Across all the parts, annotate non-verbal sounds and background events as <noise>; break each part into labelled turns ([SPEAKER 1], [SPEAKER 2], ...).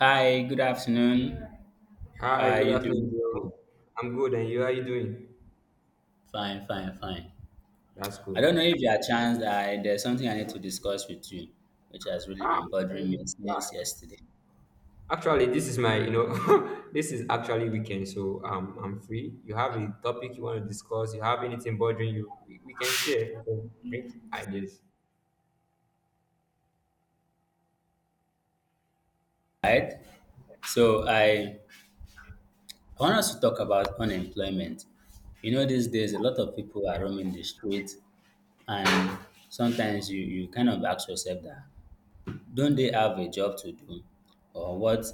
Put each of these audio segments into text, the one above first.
[SPEAKER 1] Hi, good afternoon.
[SPEAKER 2] Hi,
[SPEAKER 1] How are
[SPEAKER 2] good
[SPEAKER 1] you doing
[SPEAKER 2] afternoon, Joe.
[SPEAKER 1] today?
[SPEAKER 2] I'm good, and you? How are you doing?
[SPEAKER 1] Fine, fine, fine.
[SPEAKER 2] That's
[SPEAKER 1] I
[SPEAKER 2] cool.
[SPEAKER 1] don't know, if you are chance I there's something I need to discuss with you, which has really
[SPEAKER 2] Ah,
[SPEAKER 1] been bothering me since yesterday.
[SPEAKER 2] actually, this is <laughs> this is actually weekend, so I'm free. You have a topic you want to discuss? You have anything bothering you? We can share. We can bring ideas.
[SPEAKER 1] Right? So I want us to talk about unemployment. These days, a lot of people are roaming the streets, and sometimes you kind of ask yourself that, don't they have a job to do? Or what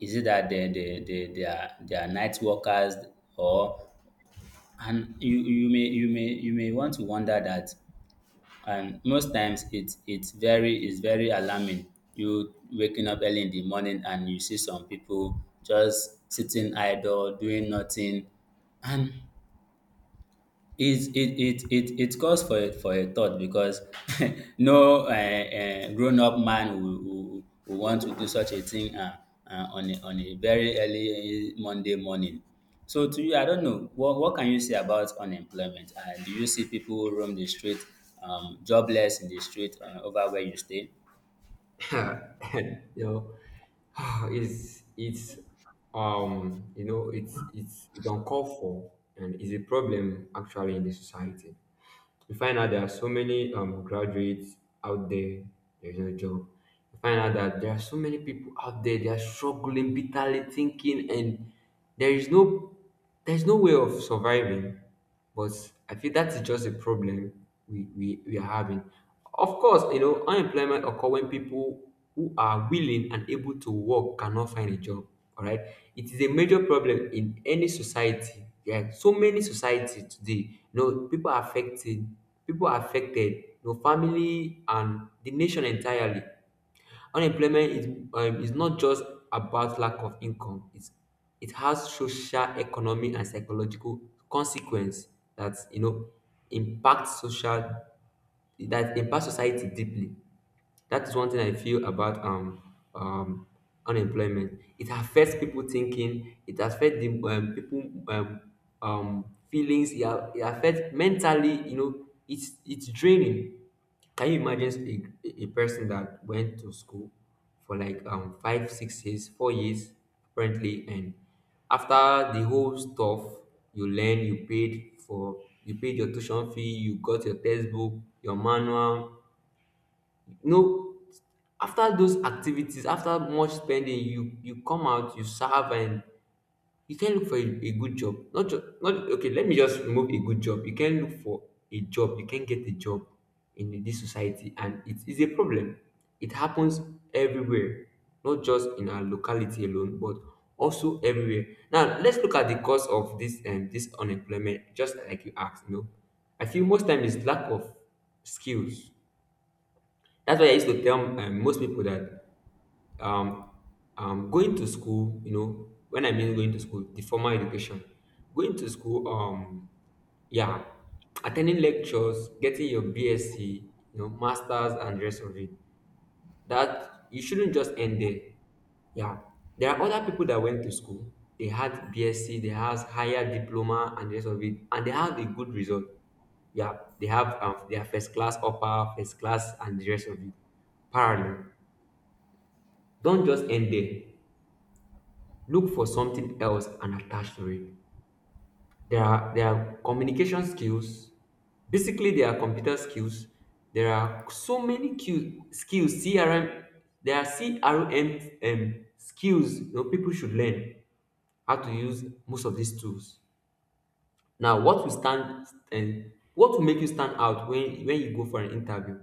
[SPEAKER 1] is it that they are night workers, or— And you may want to wonder that. And most times, it's very alarming. You waking up early in the morning and you see some people just sitting idle, doing nothing. And it's it it it it calls for a thought because <laughs> no grown up man will want to do such a thing on a very early Monday morning. So to you, I don't know, what can you say about unemployment? Do you see people roam the street, jobless in the street, over where you stay?
[SPEAKER 2] <laughs> And you know, <sighs> it's you know, it's uncalled for, and it's a problem actually in the society. You find out there are so many graduates out there, there's no job. You find out that there are so many people out there, they are struggling, bitterly thinking, and there is no there's no way of surviving. But I feel that is just a problem we are having. Of course, you know, unemployment occur when people who are willing and able to work cannot find a job. All right, it is a major problem in any society. Yeah, so many societies today. You know, people are affected, people are affected. You know, family and the nation entirely. Unemployment is not just about lack of income. It's it has social, economic, and psychological consequence that you know impact social that impact society deeply. That is one thing I feel about um, unemployment. It affects people thinking. It affects the people feelings. It affects mentally. You know, it's draining. Can you imagine a person that went to school for like 5, 6 years, 4 years apparently, and after the whole stuff you learn, you paid for, you paid your tuition fee, you got your textbook, your manual, you know after those activities after much spending you come out you serve and you can look for a good job not just not okay let me just remove a good job you can look for a job you can get a job in this society, and it is a problem. It happens everywhere, not just in our locality alone, but also everywhere. Now let's look at the cause of this and this unemployment. Just like you asked, you know, I feel most time is lack of skills. That's why I used to tell most people that um, going to school, you know, when I mean going to school, the formal education, going to school, yeah, attending lectures, getting your BSc, you know, masters and the rest of it, that you shouldn't just end there. Yeah, there are other people that went to school. They had BSc, they had higher diploma and the rest of it, and they had a good result. Yeah, they have their first class upper, first class, and the rest of it. Parallel. Don't just end there. Look for something else and attach to it. There are communication skills. Basically, there are computer skills. There are so many Q, skills. CRM. There are CRM skills. You know, people should learn how to use most of these tools. Now, what will stand and what will make you stand out when you go for an interview?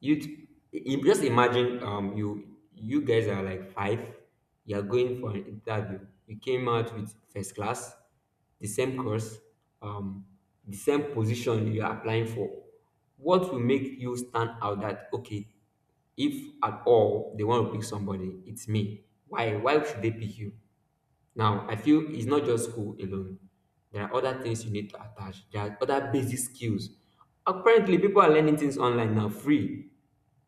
[SPEAKER 2] You just imagine you guys are like five, you are going for an interview, you came out with first class, the same course, um the same position you are applying for. What will make you stand out? That okay, if at all they want to pick somebody, it's me. Why should they pick you? Now I feel it's not just school alone. There are other things you need to attach. There are other basic skills. Apparently people are learning things online now free.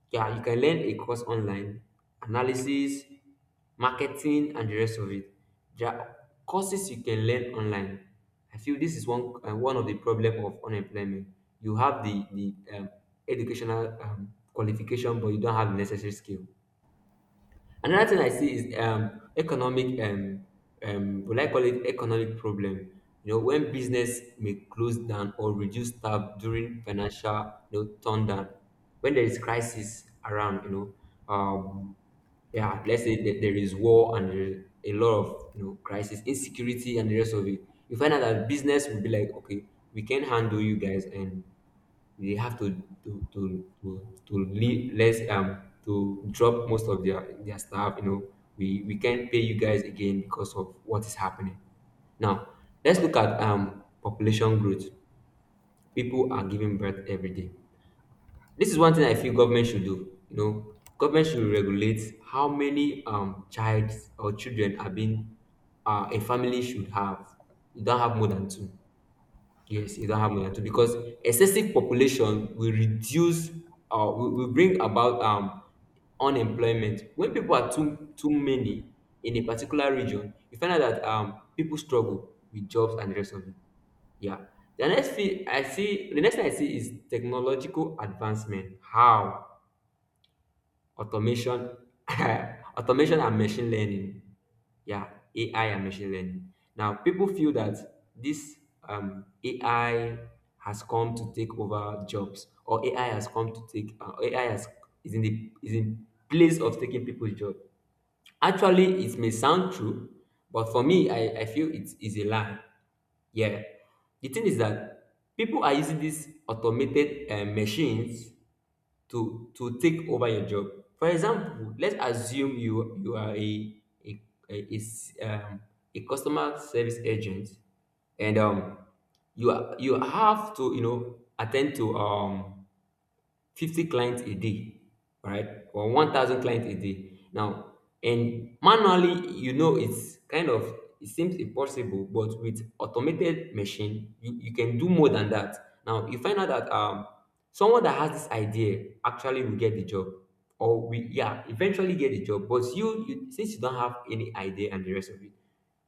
[SPEAKER 2] Yeah, you can learn a course online, analysis, marketing, and the rest of it. There are courses you can learn online. I feel this is one of the problem of unemployment. You have the um, educational qualification, but you don't have the necessary skill. Another thing I see is economic, will I call it economic problem? You know, when business may close down or reduce staff during financial, you know, turndown, when there is crisis around, you know, yeah, let's say that there is war and there is a lot of you know crisis, insecurity, and the rest of it. You find out that business will be like, okay, we can handle you guys, and they have to leave less to drop most of their staff. You know, we can't pay you guys again because of what is happening. Now let's look at population growth. People are giving birth every day. This is one thing I feel government should do. You know, government should regulate how many child or children are being a family should have. You don't have more than two. Yes, you don't have money at all because excessive population will reduce will bring about unemployment. When people are too too many in a particular region, you find out that people struggle with jobs and the rest of it. Yeah. The next thing I see is technological advancement. How? Automation <coughs> <laughs> automation and machine learning. Yeah, AI and machine learning. Now, people feel that this AI has come to take over jobs, or AI has come to take uh, AI has, is in the is in place of taking people's job. Actually, it may sound true, but for me, I feel it is a lie. Yeah, the thing is that people are using these automated machines to take over your job. For example, let's assume you are a, a s- um, a customer service agent, and you are, you have to you know attend to 50 clients a day, all right, or 1,000 clients a day. Now, and manually, you know, it's kind of, it seems impossible, but with automated machine, you can do more than that. Now, you find out that someone that has this idea actually will get the job or we yeah eventually get the job. But you since you don't have any idea and the rest of it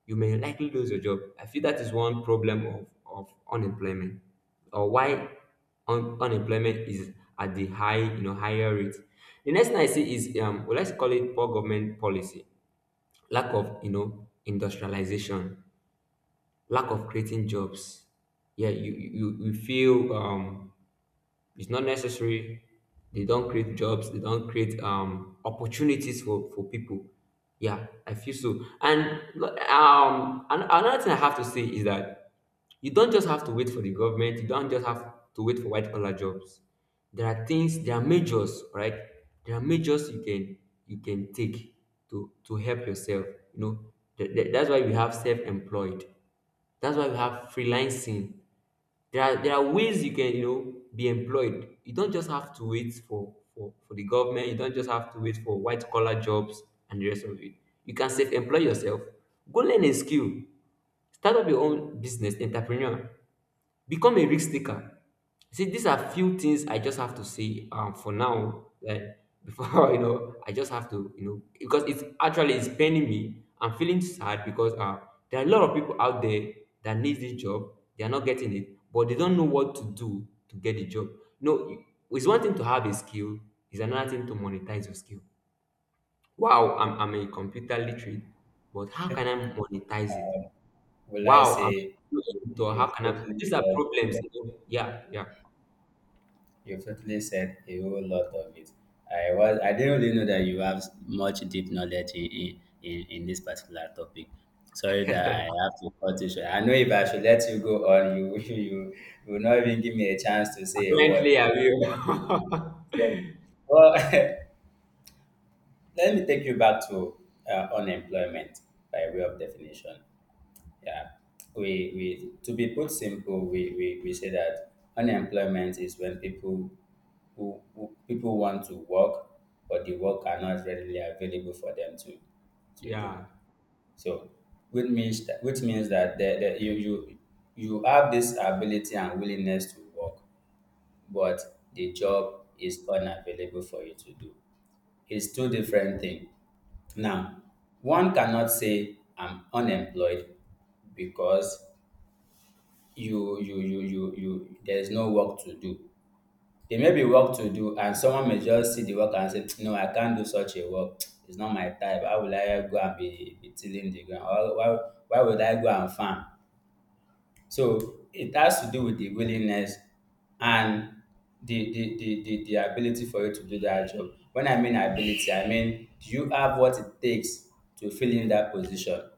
[SPEAKER 2] you may likely lose your job. I feel that is one problem of unemployment or why unemployment is at the high, you know, higher rate. The next thing I see is well, let's call it poor government policy, lack of you know industrialization, lack of creating jobs. Yeah, you you feel it's not necessary. They don't create jobs. They don't create opportunities for people. Yeah, I feel so. And another thing I have to say is that you don't just have to wait for the government. You don't just have to wait for white collar jobs. There are things. There are measures, right? There are measures you can take to help yourself. You know, that's why we have self employed. That's why we have freelancing. There are ways you can you know be employed. You don't just have to wait for the government. You don't just have to wait for white collar jobs and the rest of it. You can self employ yourself. Go learn a skill. Start up your own business, entrepreneur. Become a risk taker. See, these are few things I just have to say for now. Like before, <laughs> you know, I just have to, you know, because it's actually it's paining me. I'm feeling sad because there are a lot of people out there that need this job. They are not getting it, but they don't know what to do to get the job. No, it's one thing to have a skill. It's another thing to monetize your skill. Wow, I'm a computer literate, but how can I monetize it?
[SPEAKER 1] Will I
[SPEAKER 2] Wow, I'm
[SPEAKER 1] say you-
[SPEAKER 2] so how
[SPEAKER 1] you've
[SPEAKER 2] can I?
[SPEAKER 1] totally
[SPEAKER 2] These are
[SPEAKER 1] said
[SPEAKER 2] problems. You know? Yeah, yeah.
[SPEAKER 1] You have totally said a whole lot of it. I didn't really know that you have much deep knowledge in this particular topic. Sorry that I
[SPEAKER 2] <laughs>
[SPEAKER 1] have to cut you short. I know if I should let you go on, you <laughs> you will not even give me a chance to say a word.
[SPEAKER 2] Apparently, I will. <laughs>
[SPEAKER 1] So, well, <laughs> let me take you back to unemployment by way of definition. Yeah, we to be put simple, we say that unemployment is when people who people want to work, but the work are not readily available for them to do.
[SPEAKER 2] Yeah,
[SPEAKER 1] So, which means that the, you have this ability and willingness to work, but the job is unavailable for you to do. It's two different things. Now, one cannot say I'm unemployed, because you there is no work to do. There may be work to do, and someone may just see the work and say, no, I can't do such a work. <tsk> It's not my type. How will I go and be tilling the ground? Or why would I go and farm? So it has to do with the willingness and the ability for you to do that job. When I mean ability, I mean, do you have what it takes to fill in that position?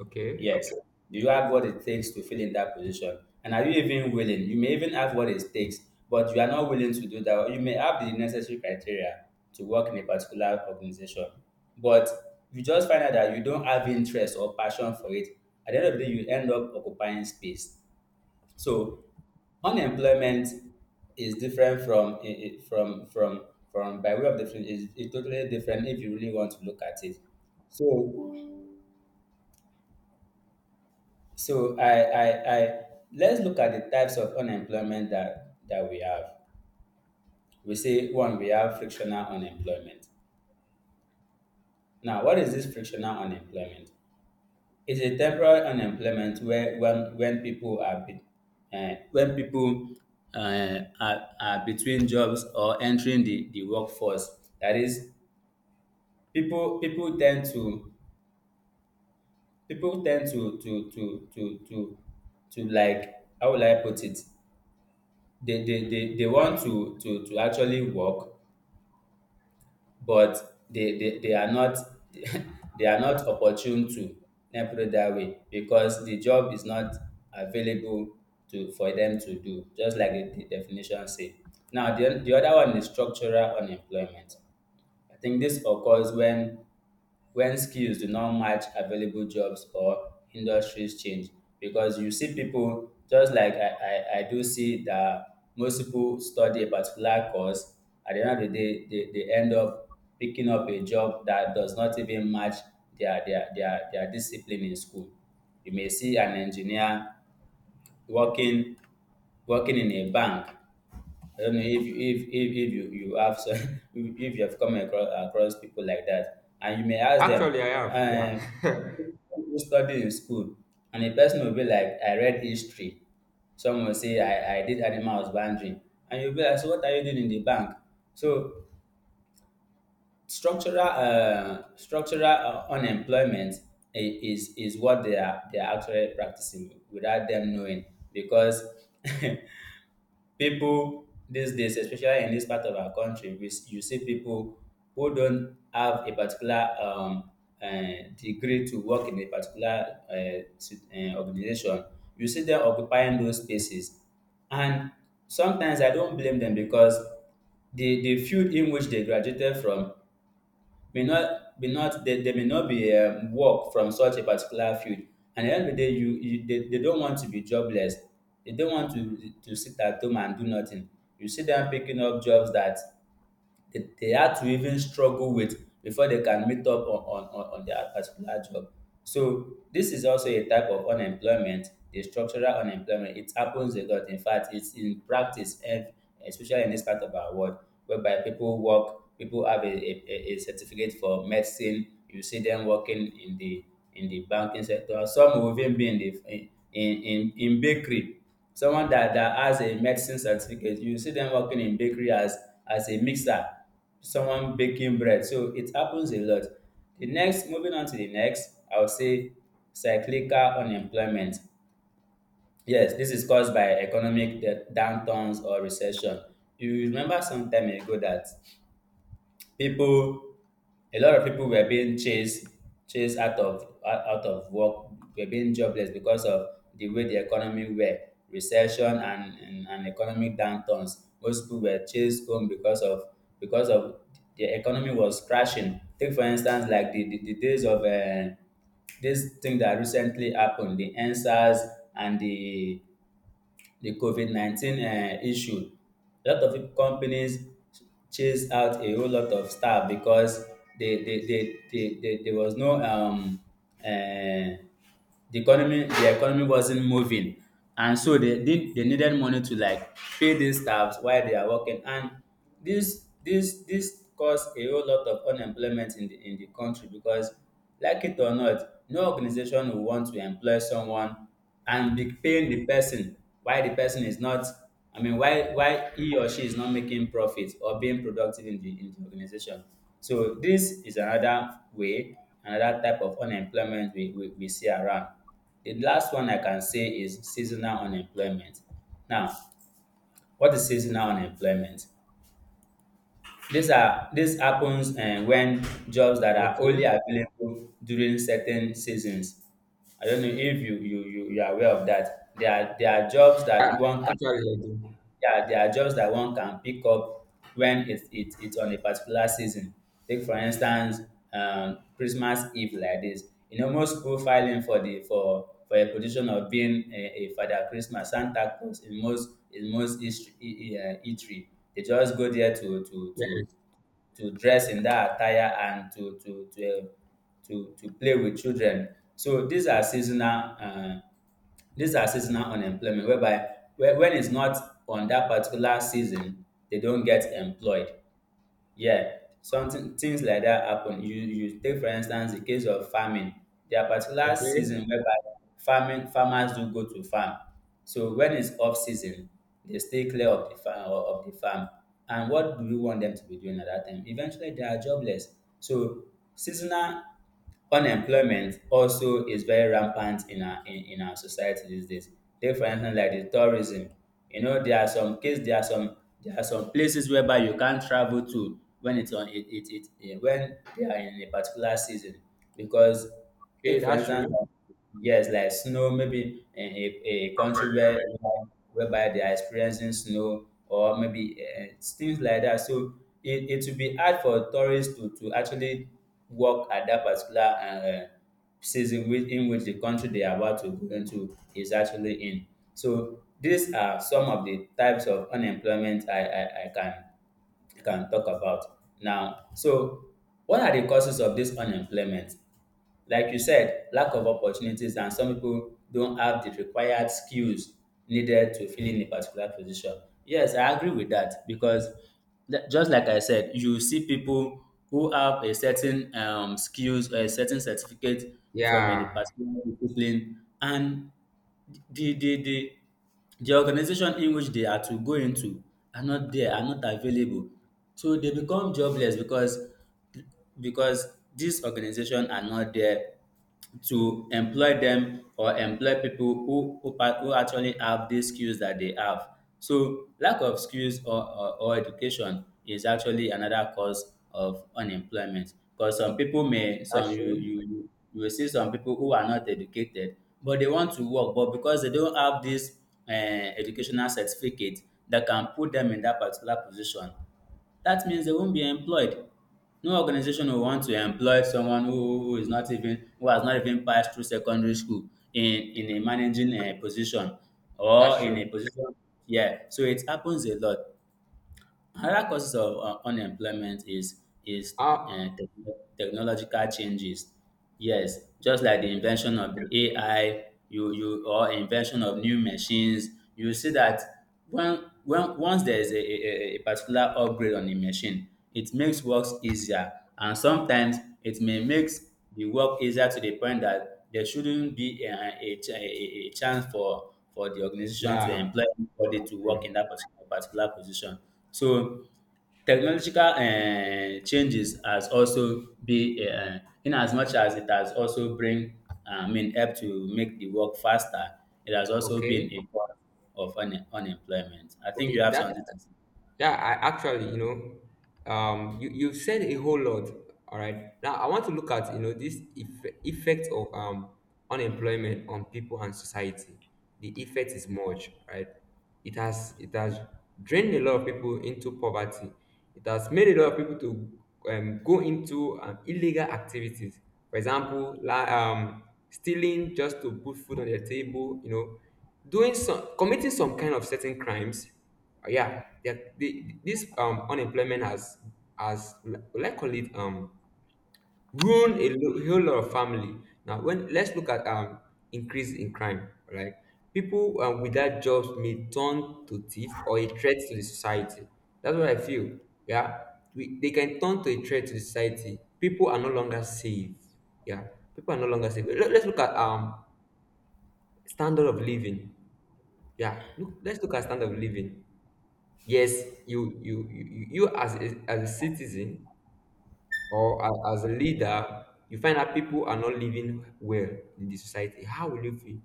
[SPEAKER 2] okay.
[SPEAKER 1] Yes. Do you have what it takes to fill in that position? And are you even willing? You may even have what it takes, but you are not willing to do that. Or you may have the necessary criteria to work in a particular organization, but you just find out that you don't have interest or passion for it. At the end of the day, you end up occupying space. So unemployment is different from by way of definition, is totally different if you really want to look at it. So So I let's look at the types of unemployment that we have. We say, one, we have frictional unemployment. Now, what is this frictional unemployment? It's a temporary unemployment where when people are be, when people are between jobs or entering the workforce. That is, people tend to like, how will I put it? They want to actually work, but they are not <laughs> they are not opportune to— let me put it that way, because the job is not available to for them to do, just like the definition say. Now the other one is structural unemployment. I think this occurs when skills do not match available jobs or industries change, because you see people, just like I do see, that most people study a particular course. At the end of the day, they end up picking up a job that does not even match their discipline in school. You may see an engineer working working in a bank. I don't know if you have some— <laughs> if you have come across, people like that, and you may ask them,
[SPEAKER 2] Actually, I have. Yeah.
[SPEAKER 1] um,
[SPEAKER 2] <laughs>
[SPEAKER 1] who studied in school, and the person will be like, I read history. Some will say, I did animal husbandry, and you'll be like, so what are you doing in the bank? So structural unemployment is what they are actually practicing without them knowing, because <laughs> people these days, especially in this part of our country, you see people who don't have a particular degree to work in a particular organization. You see them occupying those spaces. And sometimes I don't blame them, because the field in which they graduated from, may not be work from such a particular field. And at the end of the day, they don't want to be jobless. They don't want to sit at home and do nothing. You see them picking up jobs that they had to even struggle with before they can meet up on their particular job. So this is also a type of unemployment, the structural unemployment. It happens a lot. In fact, it's in practice, and especially in this part of our world, whereby people work, people have a certificate for medicine. You see them working in the banking sector. Some will even be in the in bakery. Someone that has a medicine certificate, you see them working in bakery as a mixer, someone baking bread. So it happens a lot. The next Moving on to the next, I would say, cyclical unemployment. Yes, this is caused by economic downturns or recession. You remember some time ago that, people a lot of people were being chased out of out of work, were being jobless because of the way the economy were. Recession and economic downturns, most people were chased home because of, because of the economy was crashing. Take, for instance, like the the days of this thing that recently happened, the answers, and the COVID-19 issue. A lot of companies chased out a whole lot of staff, because they, they, they, they, they, there was no um, uh, the economy wasn't moving. And so, they needed money to, like, pay these staffs while they are working. And this caused a whole lot of unemployment in the country, because, like it or not, no organization will want to employ someone and be paying the person, why the person is not I mean why he or she is not making profit or being productive in the organization so this is another type of unemployment we see around. The last one I can say is seasonal unemployment. Now, what is seasonal unemployment? These are This happens when jobs that are only
[SPEAKER 2] Okay.
[SPEAKER 1] available during certain seasons. I don't know if you are aware of that. There are jobs
[SPEAKER 2] Yeah,
[SPEAKER 1] that you want.
[SPEAKER 2] actually, I do.
[SPEAKER 1] Yeah, there are jobs that one can pick up when it's on a particular season. Take, for instance, Christmas Eve like this. Most people filing for the for a position of being a Father Christmas, Santa Claus, in most history. They just go there
[SPEAKER 2] Yes.
[SPEAKER 1] to dress in that attire, and to play with children. So these are seasonal. These are seasonal unemployment, whereby when it's not on that particular season, they don't get employed. Yeah, something things like that happen. You take, for instance, the case of farming. There are particular
[SPEAKER 2] Okay.
[SPEAKER 1] season whereby farming farmers do go to farm. So when it's off season, they stay clear of the farm. And what do you want them to be doing at that time? Eventually, they are jobless. So seasonal unemployment also is very rampant in our society these days. Take, for instance, like the tourism. You know there are some cases, there are some places whereby you can't travel to when it's on it, it, it eh, when they are in a particular season because
[SPEAKER 2] Okay,
[SPEAKER 1] take for
[SPEAKER 2] that's
[SPEAKER 1] instance
[SPEAKER 2] true.
[SPEAKER 1] like, yes like snow maybe in a country whereby they are experiencing snow or maybe things like that. So it will be hard for tourists to actually work at that particular uh, season which, in which the country they are about to go into is actually in. So these are some of the types of unemployment I can talk about. Now, so what are the causes of this unemployment? Like you said, lack of opportunities and some people don't have the required skills needed to fill in a particular position. Yes, I agree with that because just like I said, you see people who have a certain skills or a certain certificate from a
[SPEAKER 2] Yeah,
[SPEAKER 1] particular discipline and the the the the organization in which they are to go into are not there, are not available. So they become jobless because these organizations are not there to employ them or employ people who actually have these skills that they have. So lack of skills or education is actually another cause of unemployment. Because some people may
[SPEAKER 2] that's
[SPEAKER 1] some you,
[SPEAKER 2] true.
[SPEAKER 1] you you you will see some people who are not educated but they want to work but because they don't have this educational certificate that can put them in that particular position, that means they won't be employed. No organization will want to employ someone who has not even passed through secondary school in a managing position or
[SPEAKER 2] That's
[SPEAKER 1] in a
[SPEAKER 2] true.
[SPEAKER 1] position. Yeah, so it happens a lot. Another causes of unemployment is
[SPEAKER 2] Ah,
[SPEAKER 1] technological changes. Yes, just like the invention of the AI, you you or invention of new machines, you see that when once there is a particular upgrade on a machine, it makes works easier, and sometimes it may makes the work easier to the point that there shouldn't be a chance for the organization to
[SPEAKER 2] yeah,
[SPEAKER 1] employ anybody to work
[SPEAKER 2] true.
[SPEAKER 1] in that particular position. So technological changes has also be in as much as it has also bring I mean help to make the work faster, it has also been
[SPEAKER 2] Okay.
[SPEAKER 1] a cause of unemployment. I think you
[SPEAKER 2] Okay.
[SPEAKER 1] have
[SPEAKER 2] That
[SPEAKER 1] something to say.
[SPEAKER 2] Yeah, I actually, you know, you you've said a whole lot. All right. Now I want to look at you know this effect of unemployment on people and society. The effect is much, right? It has drained a lot of people into poverty. It has made a lot of people to go into illegal activities. For example, like stealing just to put food on their table. Doing some committing some kind of certain crimes yeah, this unemployment has li- like call it ruined a whole lot of family. Now when let's look at increase in crime, right? People without jobs may turn to thief or a threat to the society. That's what I feel. Yeah, they can turn to a threat to the society. People are no longer safe. Yeah, people are no longer safe. Let's look at standard of living. Yeah, let's look at standard of living. Yes, you as a citizen or as a leader, you find out people are not living well in the society. How will you feel?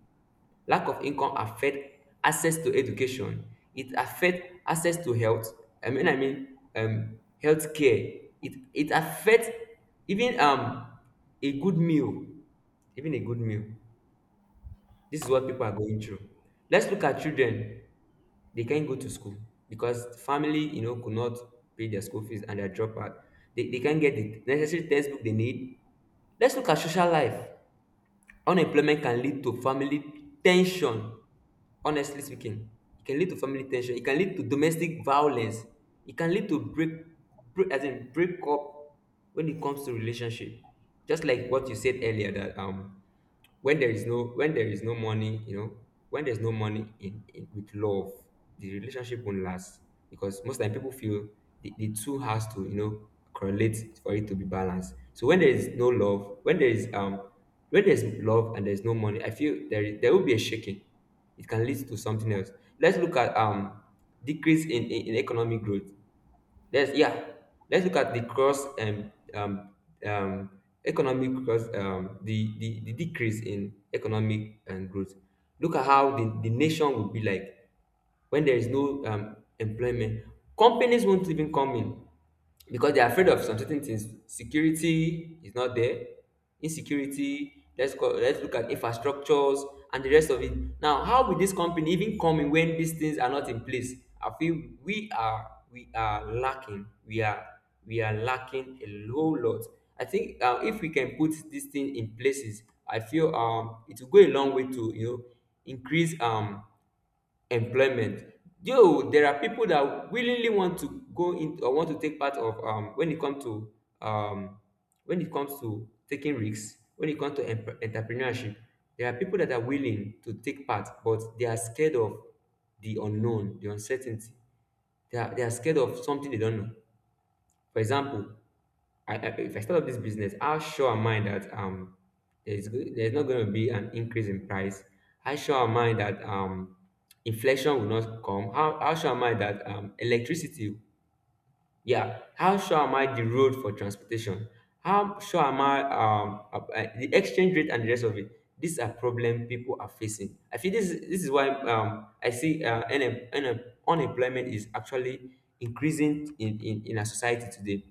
[SPEAKER 2] Lack of income affect access to education. It affect access to health. Health care. It affect even a good meal, even a good meal. This is what people are going through. Let's look at children. They can't go to school because family could not pay their school fees and they are dropout. They can't get the necessary textbook they need. Let's look at social life. Unemployment can lead to family tension. Honestly speaking, it can lead to family tension. It can lead to domestic violence. It can lead to break, as in break up, when it comes to relationship. Just like what you said earlier, that when there is no money, when there's no money in with love, the relationship won't last, because most time people feel the two has to, correlate for it to be balanced. So when there is no love, when there is where there's love and there's no money, I feel there will be a shaking. It can lead to something else. Let's look at decrease in, in economic growth. Let's yeah. Let's look at the cross and um economic cross, the decrease in economic and growth. Look at how the nation will be like when there is no employment. Companies won't even come in because they're afraid of some certain things. Security is not there. Insecurity. Let's look at infrastructures and the rest of it. Now, how will this company even come in when these things are not in place? I feel we are lacking. We are lacking a whole lot. I think if we can put this thing in places, I feel it will go a long way to, increase employment. Though there are people that willingly want to go in or want to take part of, um when it comes to taking risks, when it comes to entrepreneurship, there are people that are willing to take part, but they are scared of the unknown, the uncertainty. They are scared of something they don't know. For example, if I start up this business, how sure am I that there's not going to be an increase in price? How sure am I that inflation will not come? How sure am I that electricity? Yeah. How sure am I the road for transportation? How sure am I the exchange rate and the rest of it? These are problem people are facing. I feel this is why I see unemployment is actually increasing in, in our society today.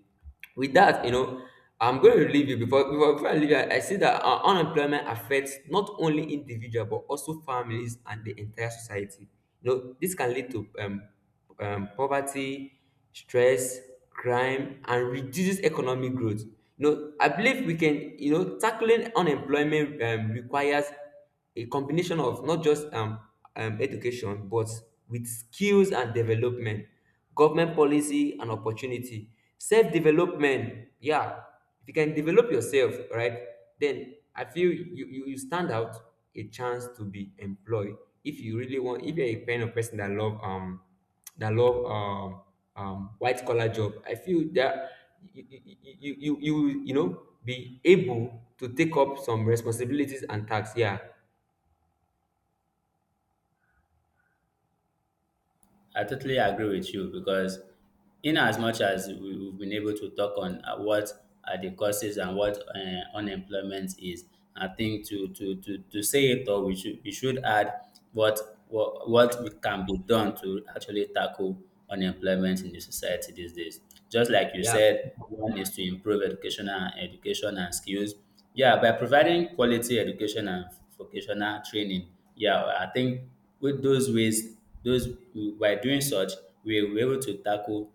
[SPEAKER 2] With that, I'm going to leave you before I leave you. I see that unemployment affects not only individual but also families and the entire society. You know, this can lead to poverty, stress, crime, and reduces economic growth. You know, I believe we can. You know, tackling unemployment requires a combination of not just education but with skills and development. Government policy and opportunity. Self development, yeah. If you can develop yourself, right, then I feel you stand out a chance to be employed. If you really want, if you're a kind of person that love white collar job, I feel that you will, you know, be able to take up some responsibilities and tasks. Yeah,
[SPEAKER 1] I totally agree with you because in as much as we've been able to talk on what are the causes and what unemployment is, I think to say it all, we should add what what we can be done to actually tackle unemployment in the society these days. Just like you
[SPEAKER 2] yeah,
[SPEAKER 1] said, one is to improve education and skills. Yeah, by providing quality education and vocational training. Yeah, I think with those ways those who by doing such we were able to tackle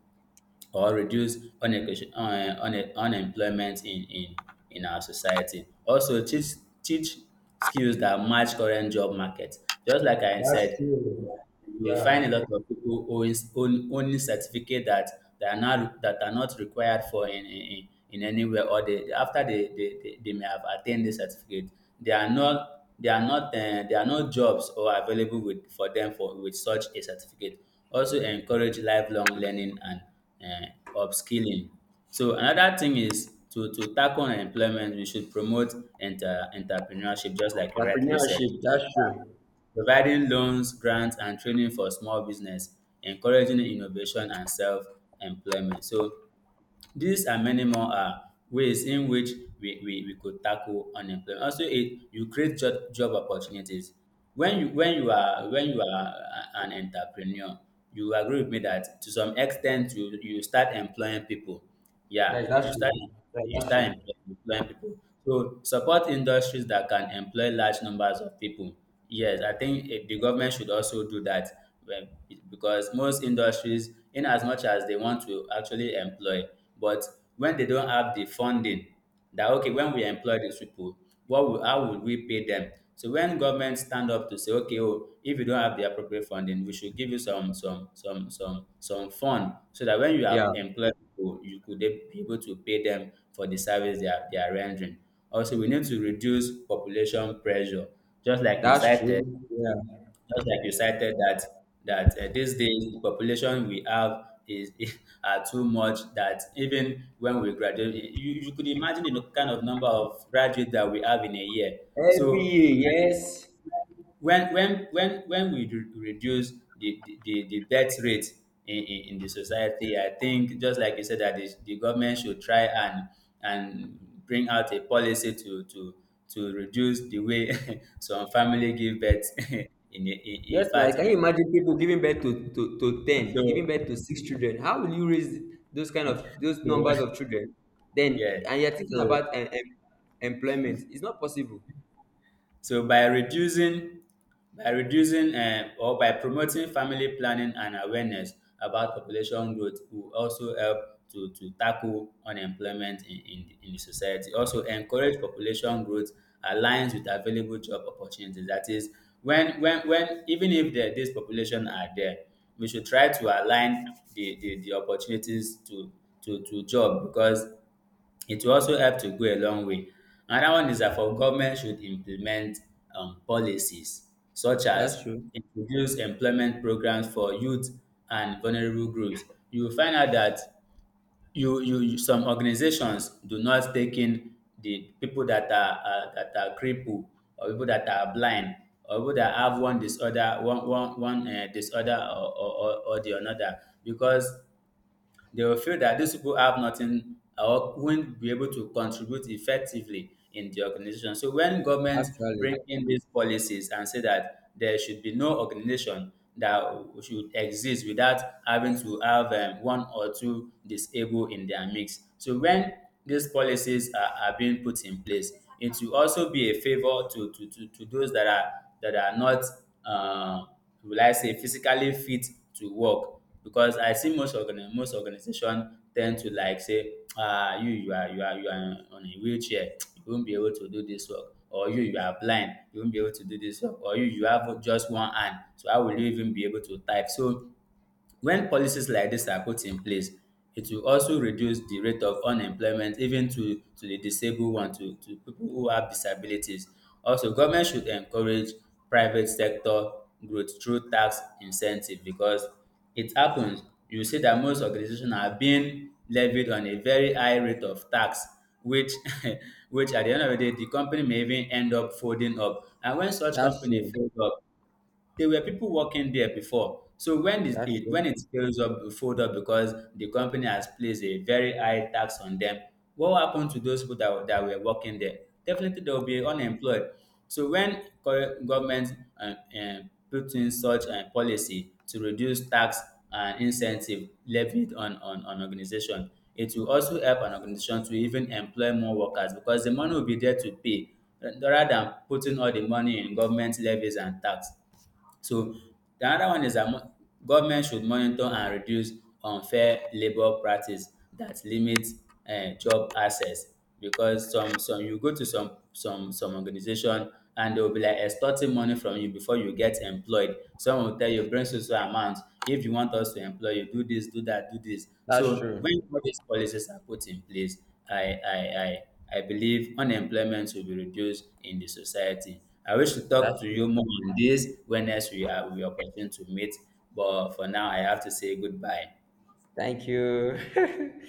[SPEAKER 1] or reduce unemployment in our society. Also, teach skills that match current job market. Just like I
[SPEAKER 2] that's
[SPEAKER 1] said,
[SPEAKER 2] true.
[SPEAKER 1] you will
[SPEAKER 2] Yeah.
[SPEAKER 1] find a lot of people owning certificate that, that are not required for in anywhere or they after they may have attained the certificate, they are not there are no jobs or available with for them for with such a certificate. Also encourage lifelong learning and um upskilling. So another thing is to tackle unemployment, we should promote enter entrepreneurship, just like you rightly said,
[SPEAKER 2] Entrepreneurship, that's true.
[SPEAKER 1] providing loans, grants, and training for small business, encouraging innovation and self-employment. So these and many more are ways in which we could tackle unemployment. Also, it you create job opportunities. When you are an entrepreneur, you agree with me that to some extent you start employing people. Yeah,
[SPEAKER 2] Yes,
[SPEAKER 1] you
[SPEAKER 2] that's
[SPEAKER 1] start
[SPEAKER 2] true. Yeah, that's true.
[SPEAKER 1] employing people. So support industries that can employ large numbers of people. Yes, I think the government should also do that when- because most industries, in as much as they want to actually employ, but when they don't have the funding that okay when we employ these people how would we pay them, so when government stand up to say okay oh if you don't have the appropriate funding we should give you some fund so that when you
[SPEAKER 2] Yeah,
[SPEAKER 1] have employed people you could be able to pay them for the service they are rendering. Also we need to reduce population pressure just like you
[SPEAKER 2] that's
[SPEAKER 1] cited
[SPEAKER 2] true. Yeah.
[SPEAKER 1] that these days the population we have is <laughs> are too much that even when we graduate, you could imagine the kind of number of graduates that we have in a year.
[SPEAKER 2] Every
[SPEAKER 1] So
[SPEAKER 2] year, yes.
[SPEAKER 1] when reduce the the death rate in the society, I think just like you said that the government should try and bring out a policy to to reduce the way <laughs> some family give birth <laughs> in
[SPEAKER 2] Yes, now
[SPEAKER 1] fact
[SPEAKER 2] can
[SPEAKER 1] in
[SPEAKER 2] you imagine people giving birth to 10, giving
[SPEAKER 1] So,
[SPEAKER 2] birth to six children? How will you raise those numbers
[SPEAKER 1] so
[SPEAKER 2] of children?
[SPEAKER 1] <laughs>
[SPEAKER 2] Then
[SPEAKER 1] yeah.
[SPEAKER 2] and you're thinking
[SPEAKER 1] So
[SPEAKER 2] about employment. It's not possible.
[SPEAKER 1] so by reducing by reducing or by promoting family planning and awareness about population growth will also help to tackle unemployment in, in the society. Also encourage population growth aligns with available job opportunities. That is, when even if there, this population are there, we should try to align the opportunities to job, because it will also help to go a long way. Another one is that for government should implement policies such as
[SPEAKER 2] That's true.
[SPEAKER 1] introduce employment programs for youth and vulnerable groups. You will find out that some organizations do not take in the people that are crippled or people that are blind or people that have one disorder one one one disorder or the another, because they will feel that these people have nothing or won't be able to contribute effectively in the organization. So when government
[SPEAKER 2] Actually,
[SPEAKER 1] bring in these policies and say that there should be no organization that should exist without having to have one or two disabled in their mix. So when these policies are being put in place, it will also be a favor to those that are not uh, will I say physically fit to work, because I see most most organization tend to like say, ah, you are on a wheelchair, <tsk> you won't be able to do this work, or you are blind, you won't be able to do this work, or you have just one hand, so how will you even be able to type? So when policies like this are put in place, it will also reduce the rate of unemployment even to the disabled one, to people who have disabilities. Also, government should encourage private sector growth through tax incentive, because it happens. You see that most organizations are being levied on a very high rate of tax, which <laughs> which at the end of the day, the company may even end up folding up. And when such
[SPEAKER 2] that's
[SPEAKER 1] company
[SPEAKER 2] true.
[SPEAKER 1] fold up, there were people working there before. So when it,
[SPEAKER 2] That's
[SPEAKER 1] it when
[SPEAKER 2] true.
[SPEAKER 1] it scales up, it fold up because the company has placed a very high tax on them. What will happen to those people that were working there? Definitely they will be unemployed. So when government uh, uh, put in such a policy to reduce tax and incentive levied on organization, it will also help an organization to even employ more workers because the money will be there to pay rather than putting all the money in government levies and tax. So the other one is that government should monitor and reduce unfair labour practice that limit job access, because some you go to some organisation and they will be like extorting money from you before you get employed. Some will tell you bring so so amount, if you want us to employ you, do this do that do this.
[SPEAKER 2] That's
[SPEAKER 1] So when
[SPEAKER 2] true.
[SPEAKER 1] all these policies are put in place, I I I believe unemployment will be reduced in the society. I wish to talk
[SPEAKER 2] That's
[SPEAKER 1] to you
[SPEAKER 2] true.
[SPEAKER 1] more on this when next we have the opportunity to meet, but for now, I have to say goodbye.
[SPEAKER 2] Thank you. <laughs>